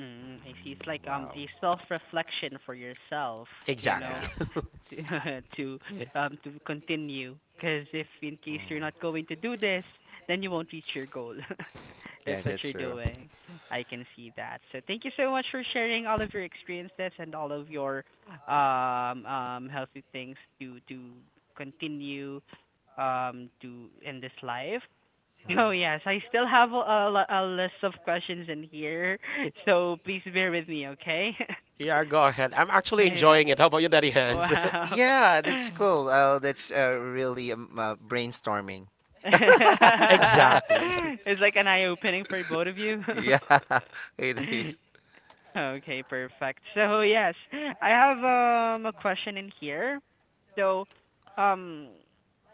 Mm, I see. It's like wow. A self reflection for yourself, you Yeah. know, to to to continue, because if in Mm. case you're not going to do this, then you won't reach your goal. Yeah, That's what that's you're true. doing, I can see that. So thank you so much for sharing all of your experiences and all of your healthy things to continue to in this life. Mhm. Oh yes, I still have a, a list of questions in here, so please bear with me, okay? Yeah. Wow. Yeah, that's cool. Oh, that's really brainstorming. It's like an eye opening for both of you. Yeah, it is. Okay, perfect. So yes, I have a question in here. So, um,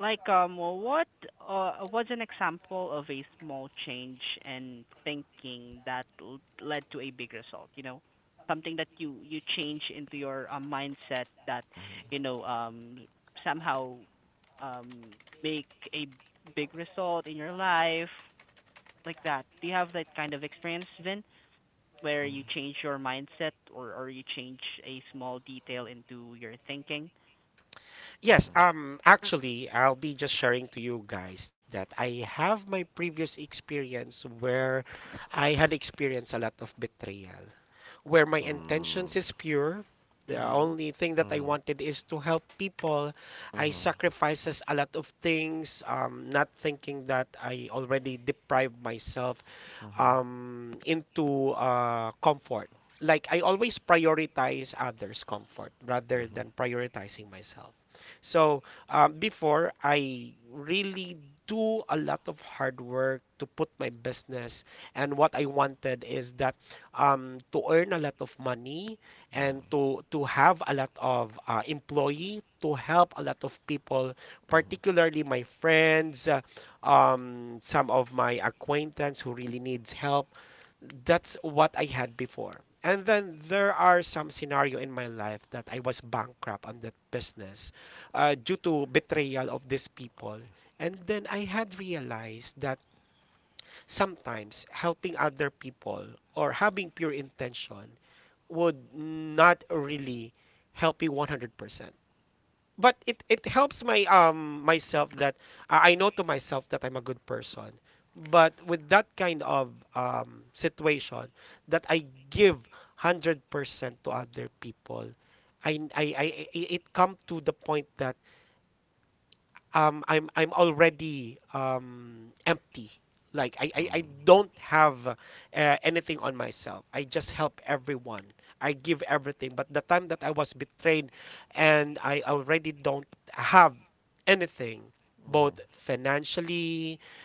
like well, what was an example of a small change in thinking that led to a big result? You know, something that you change into your mindset that, Mhm. you know, somehow make a big result in your life, like that. Do you have that kind of experience, Vin? Where you change your mindset, or you change a small detail into your thinking? Mm. Mhm. Mm-hmm. Mm-hmm.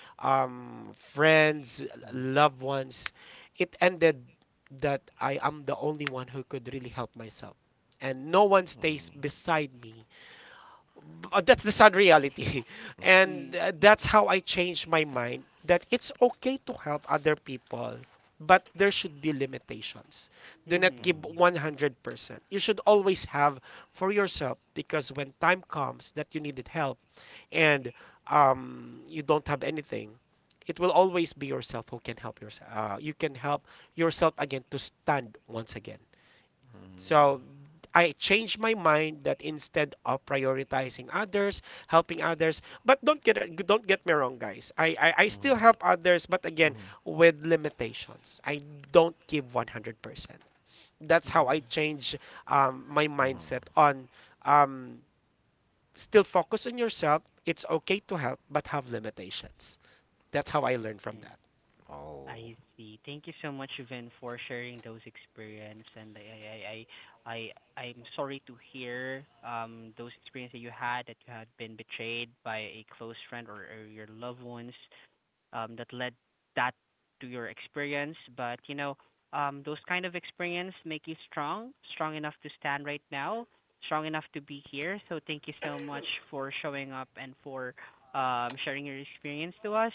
Mm. Mm. Mm. Mm. Mm. Mm. Mm. Mm, mhm. Mm, mm. Oh. I see. Thank you so much, Vin, for sharing those experience. And I, I, I, I, I- I'm sorry to hear those experiences that you had been betrayed by a close friend or your loved ones. That led that to your experience. But you know, those kind of experience make you strong, strong enough to stand right now, strong enough to be here. So thank you so much for showing up and for sharing your experience to us.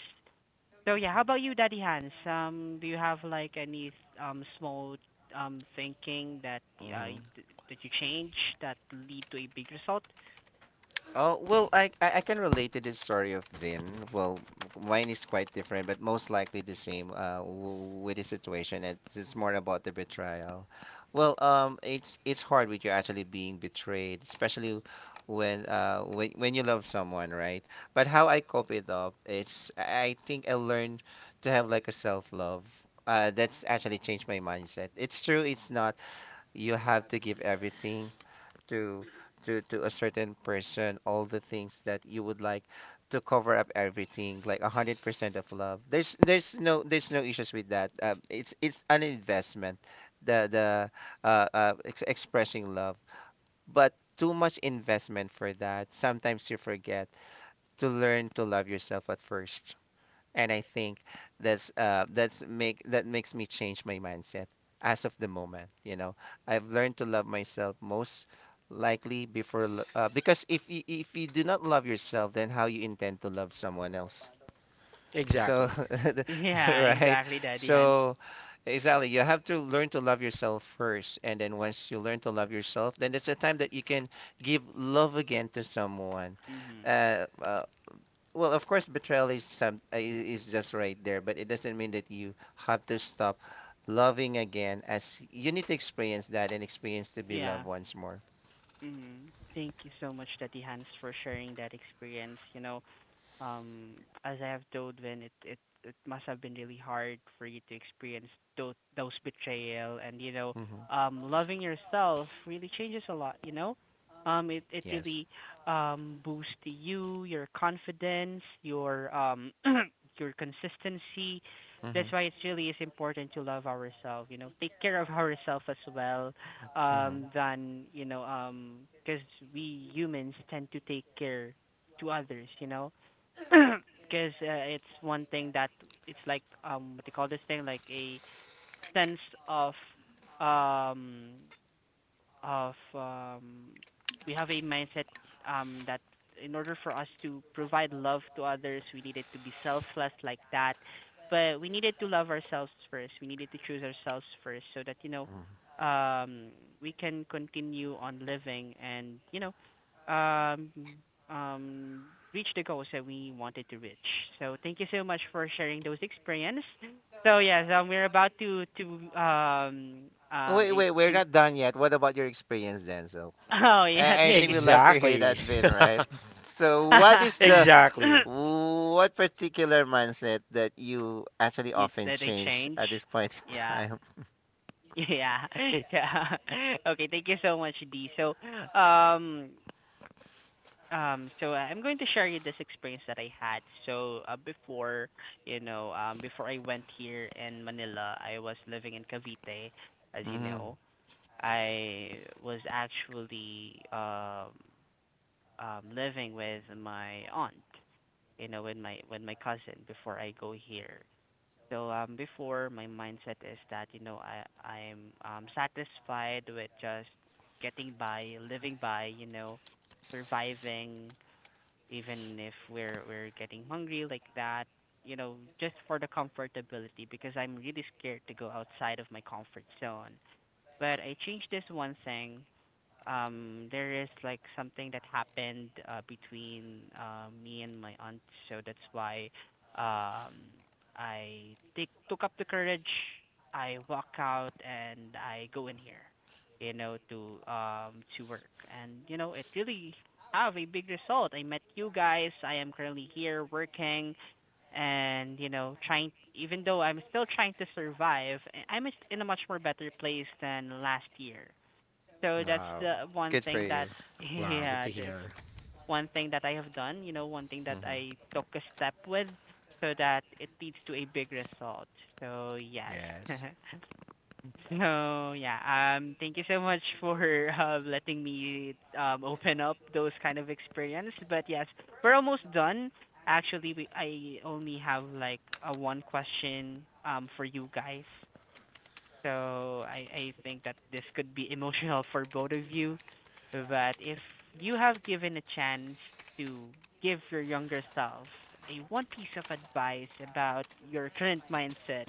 So yeah, how about you, Daddy Hans? Do you have like any small thinking that Mm-hmm. That you change that lead to a big result? Oh, well, I can relate to this story of Vin. Well, mine is quite different, but most likely the same with the situation. It's more about the betrayal. Well, it's hard with you actually being betrayed, especially when when you love someone, right? But how I cope it up, it's I think I learned to have like a self-love. That's actually changed my mindset. It's true, it's not. You have to give everything to to a certain person all the things that you would like to cover up everything like 100% of love. There's no issues with that. It's an investment, the ex expressing love, but too much investment for that. Sometimes you forget to learn to love yourself at first. And I think that makes me change my mindset as of the moment. You know, I've learned to love myself most likely because if you do not love yourself, then how you intend to love someone else? So, Yeah, right? exactly, Daddy Hans. So. Exactly. You have to learn to love yourself first. And then once you learn to love yourself, then it's a time that you can give love again to someone. Mhm. Uh, uh, well, of course, betrayal is is just right there, but it doesn't mean that you have to stop loving again. As you need to experience that and experience to be Yeah. loved once more. Mm-hmm. Thank you so much, Daddy Hans, for sharing that experience. You know, um, as I have told Vin, it must have been really hard for you to experience those betrayal. And you know, Hmm. Loving yourself really changes a lot. You know, it Yes. really boosts you, your confidence, your your consistency. Hmm. That's why it really is important to love ourselves. You know, take care of ourselves as well. Than you know, because we humans tend to take care to others. You know, because it's one thing that it's like what do you call this thing, like a sense of um of we have a mindset, that in order for us to provide love to others, we needed to be selfless, like that. But we needed to love ourselves first. We needed to choose ourselves first, so that, you Hmm. know, um, we can continue on living. And you know, um, um, reach the goals that we wanted to reach. So thank you so much for sharing those experience. So yes, we're about to um Wait, wait, we're to... not done yet. What about your experience, Denzel? Oh yeah, I thank think you. we love to hear that, Vin, right? So, what is the what particular mindset that you actually You often that they change change. at this point in Yeah. time? Yeah. Yeah. Okay, thank you so much, D. So, um so I'm going to share you this experience that I had. So, before, you know, before I went here in Manila, I was living in Cavite, as you Mm, know. I was actually living with my aunt, you know, with my cousin before I go here. So before, my mindset is that, you know, I'm satisfied with just getting by, living by, you know, surviving even if we're getting hungry like that, you know, just for the comfortability, because I'm really scared to go outside of my comfort zone. But I changed this one thing. There is like something that happened between me and my aunt, so that's why um I take took up the courage, I walk out and I go in here, you know, to work. And you know, it really have a big result. I met you guys, I am currently here working, and you know, trying. Even though I'm still trying to survive, I'm in a much more better place than last year. So that's the one good for thing you. that, yeah, that's one thing that I have done, you know, one thing that Hmm. I took a step with, so that it leads to a big result. So, yes. So, yeah, thank you so much for letting me open up those kind of experience. But yes, we're almost done. Actually, we I only have like a one question for you guys. So I think that this could be emotional for both of you. But if you have given a chance to give your younger self a one piece of advice about your current mindset,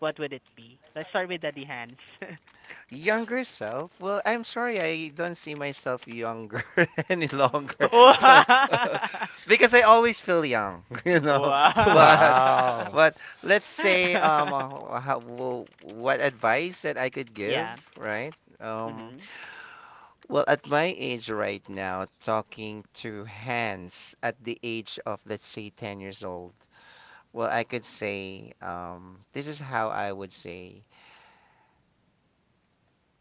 what would it be? Let's start with Daddy Hans. Younger self? Well, I'm sorry, I don't see myself younger any longer. Wow. So, because I always feel young, you know. But Wow. but let's say how, well, what advice that I could give, Yeah. right? Um, Mhm. well, at my age right now, talking to hands at the age of let's say 10 years old. Well, I could say this is how I would say.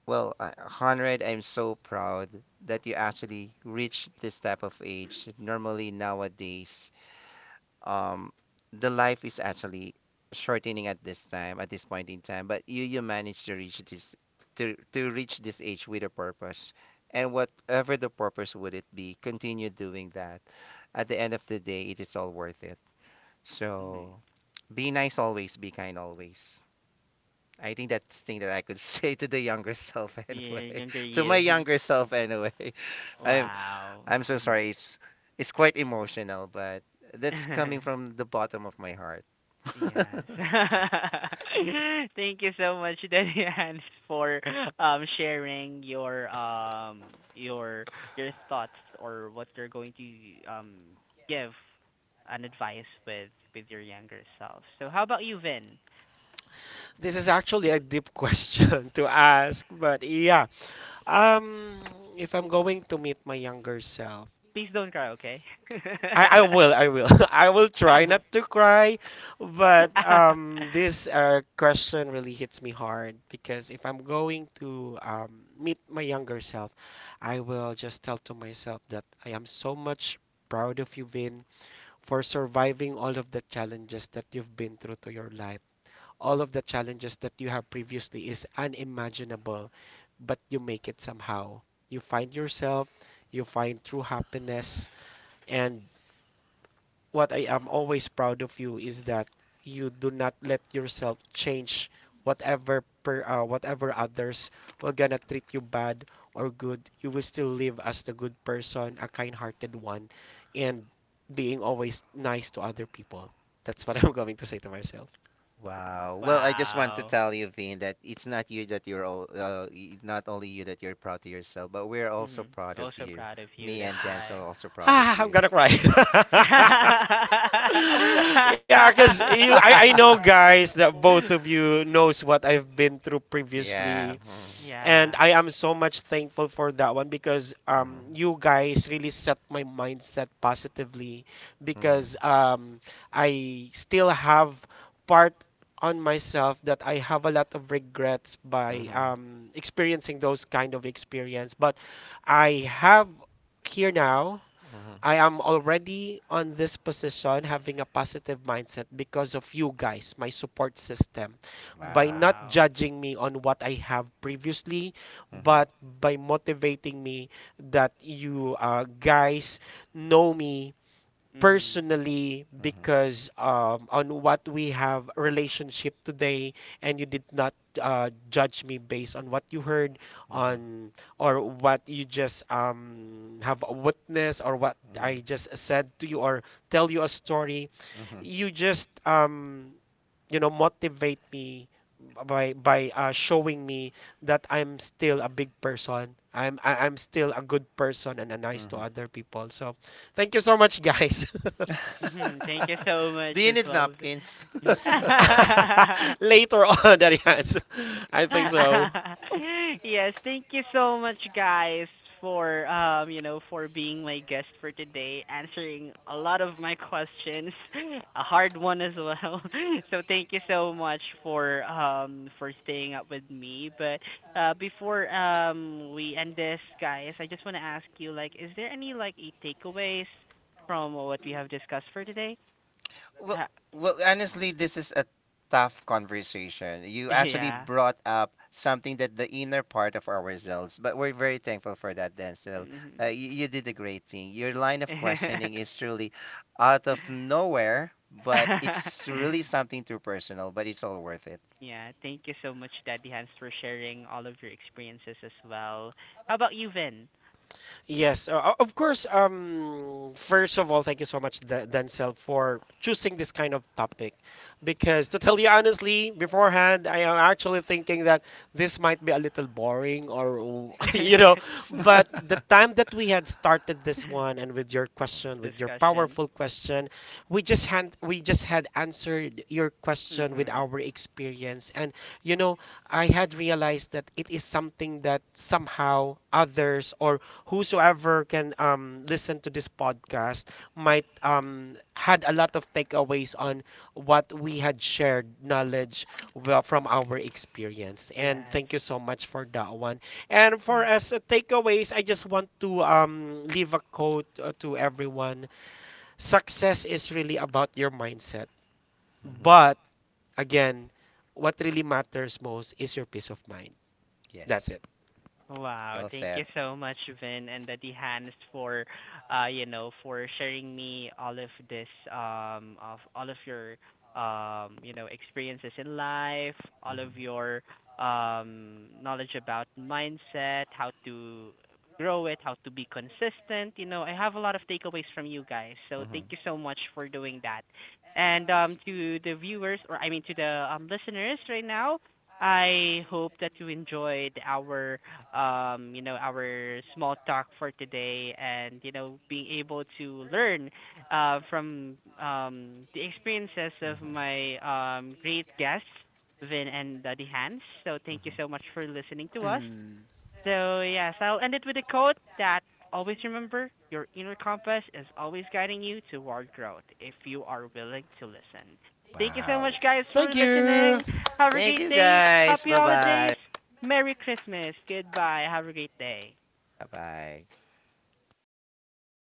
Well, Conrad, I'm so proud that you actually reached this type of age. Normally, nowadays, um, the life is actually shortening at this time, at this point in time. But you managed to reach this, to reach this age with a purpose, and whatever the purpose would it be, continue doing that. At the end of the day, it is all worth it. Mhm. So, be nice always, be kind always. I think that's thing that I could say to the younger self The anyway. younger To my you. younger self anyway. I'm Wow. I'm so sorry. It's quite emotional, but that's coming Mhm. from the bottom of my heart. Yes. Thank you so much, Darian, for sharing your your thoughts, or what you're going to give an advice with your younger self. So how about you, Vin? Please don't cry, okay? Wow. Well, I just want to Wow. tell you, Vin, that it's not you that you're all, not only you that you're proud of yourself, but we're also Hmm. proud of Also you. proud of you. Me and That's Dan's are right. also proud of you. Yeah. Mm. Yeah. Mhm. Mm. Mhm. Mhm. Wow. Wow. Mhm. Mhm. Mhm. Mhm. Mhm. Mhm. Mhm. Mhm. Thank you so much Do you as need well. napkins? Yes, thank you so much, guys, for you know, for being my guest for today, answering a lot of my questions, a hard one as well. So thank you so much for staying up with me. But before we end this, guys, I just want to ask you, like, is there any like a takeaways from what we have discussed for today? Well, Uh, well, honestly, this is a tough conversation. You actually yeah. brought up something that the inner part of ourselves, but we're very thankful for that, Denzel. Hmm. You did a great thing. Your line of questioning is truly out of nowhere, but it's really something too personal, but it's all worth it. Yeah, thank you so much, Daddy Hans, for sharing all of your experiences as well. How about you, Vin? Discussion. Mhm. Yes. Yes, Wow, well thank you said. so much, Vin and Daddy Hans, for you know, for sharing me all of this of all of your you know, experiences in life, all of your knowledge about mindset, how to grow it, how to be consistent. You know, I have a lot of takeaways from you guys. So thank Mhm. you so much for doing that. And to the viewers, or I mean to the listeners right now, I hope that you enjoyed our you know, our small talk for today, and, you know, being able to learn from the experiences of Mhm. my great guests, Vin and Daddy Hans. So thank you Mhm. so much for listening to us. So, yes, I'll end it with a quote that always remember your inner compass is always guiding you toward growth if you are willing to listen. Thank Thank you so much, guys, for listening. Have a great day. Happy bye. holidays. Merry Christmas. Goodbye. Have a great day. Bye bye.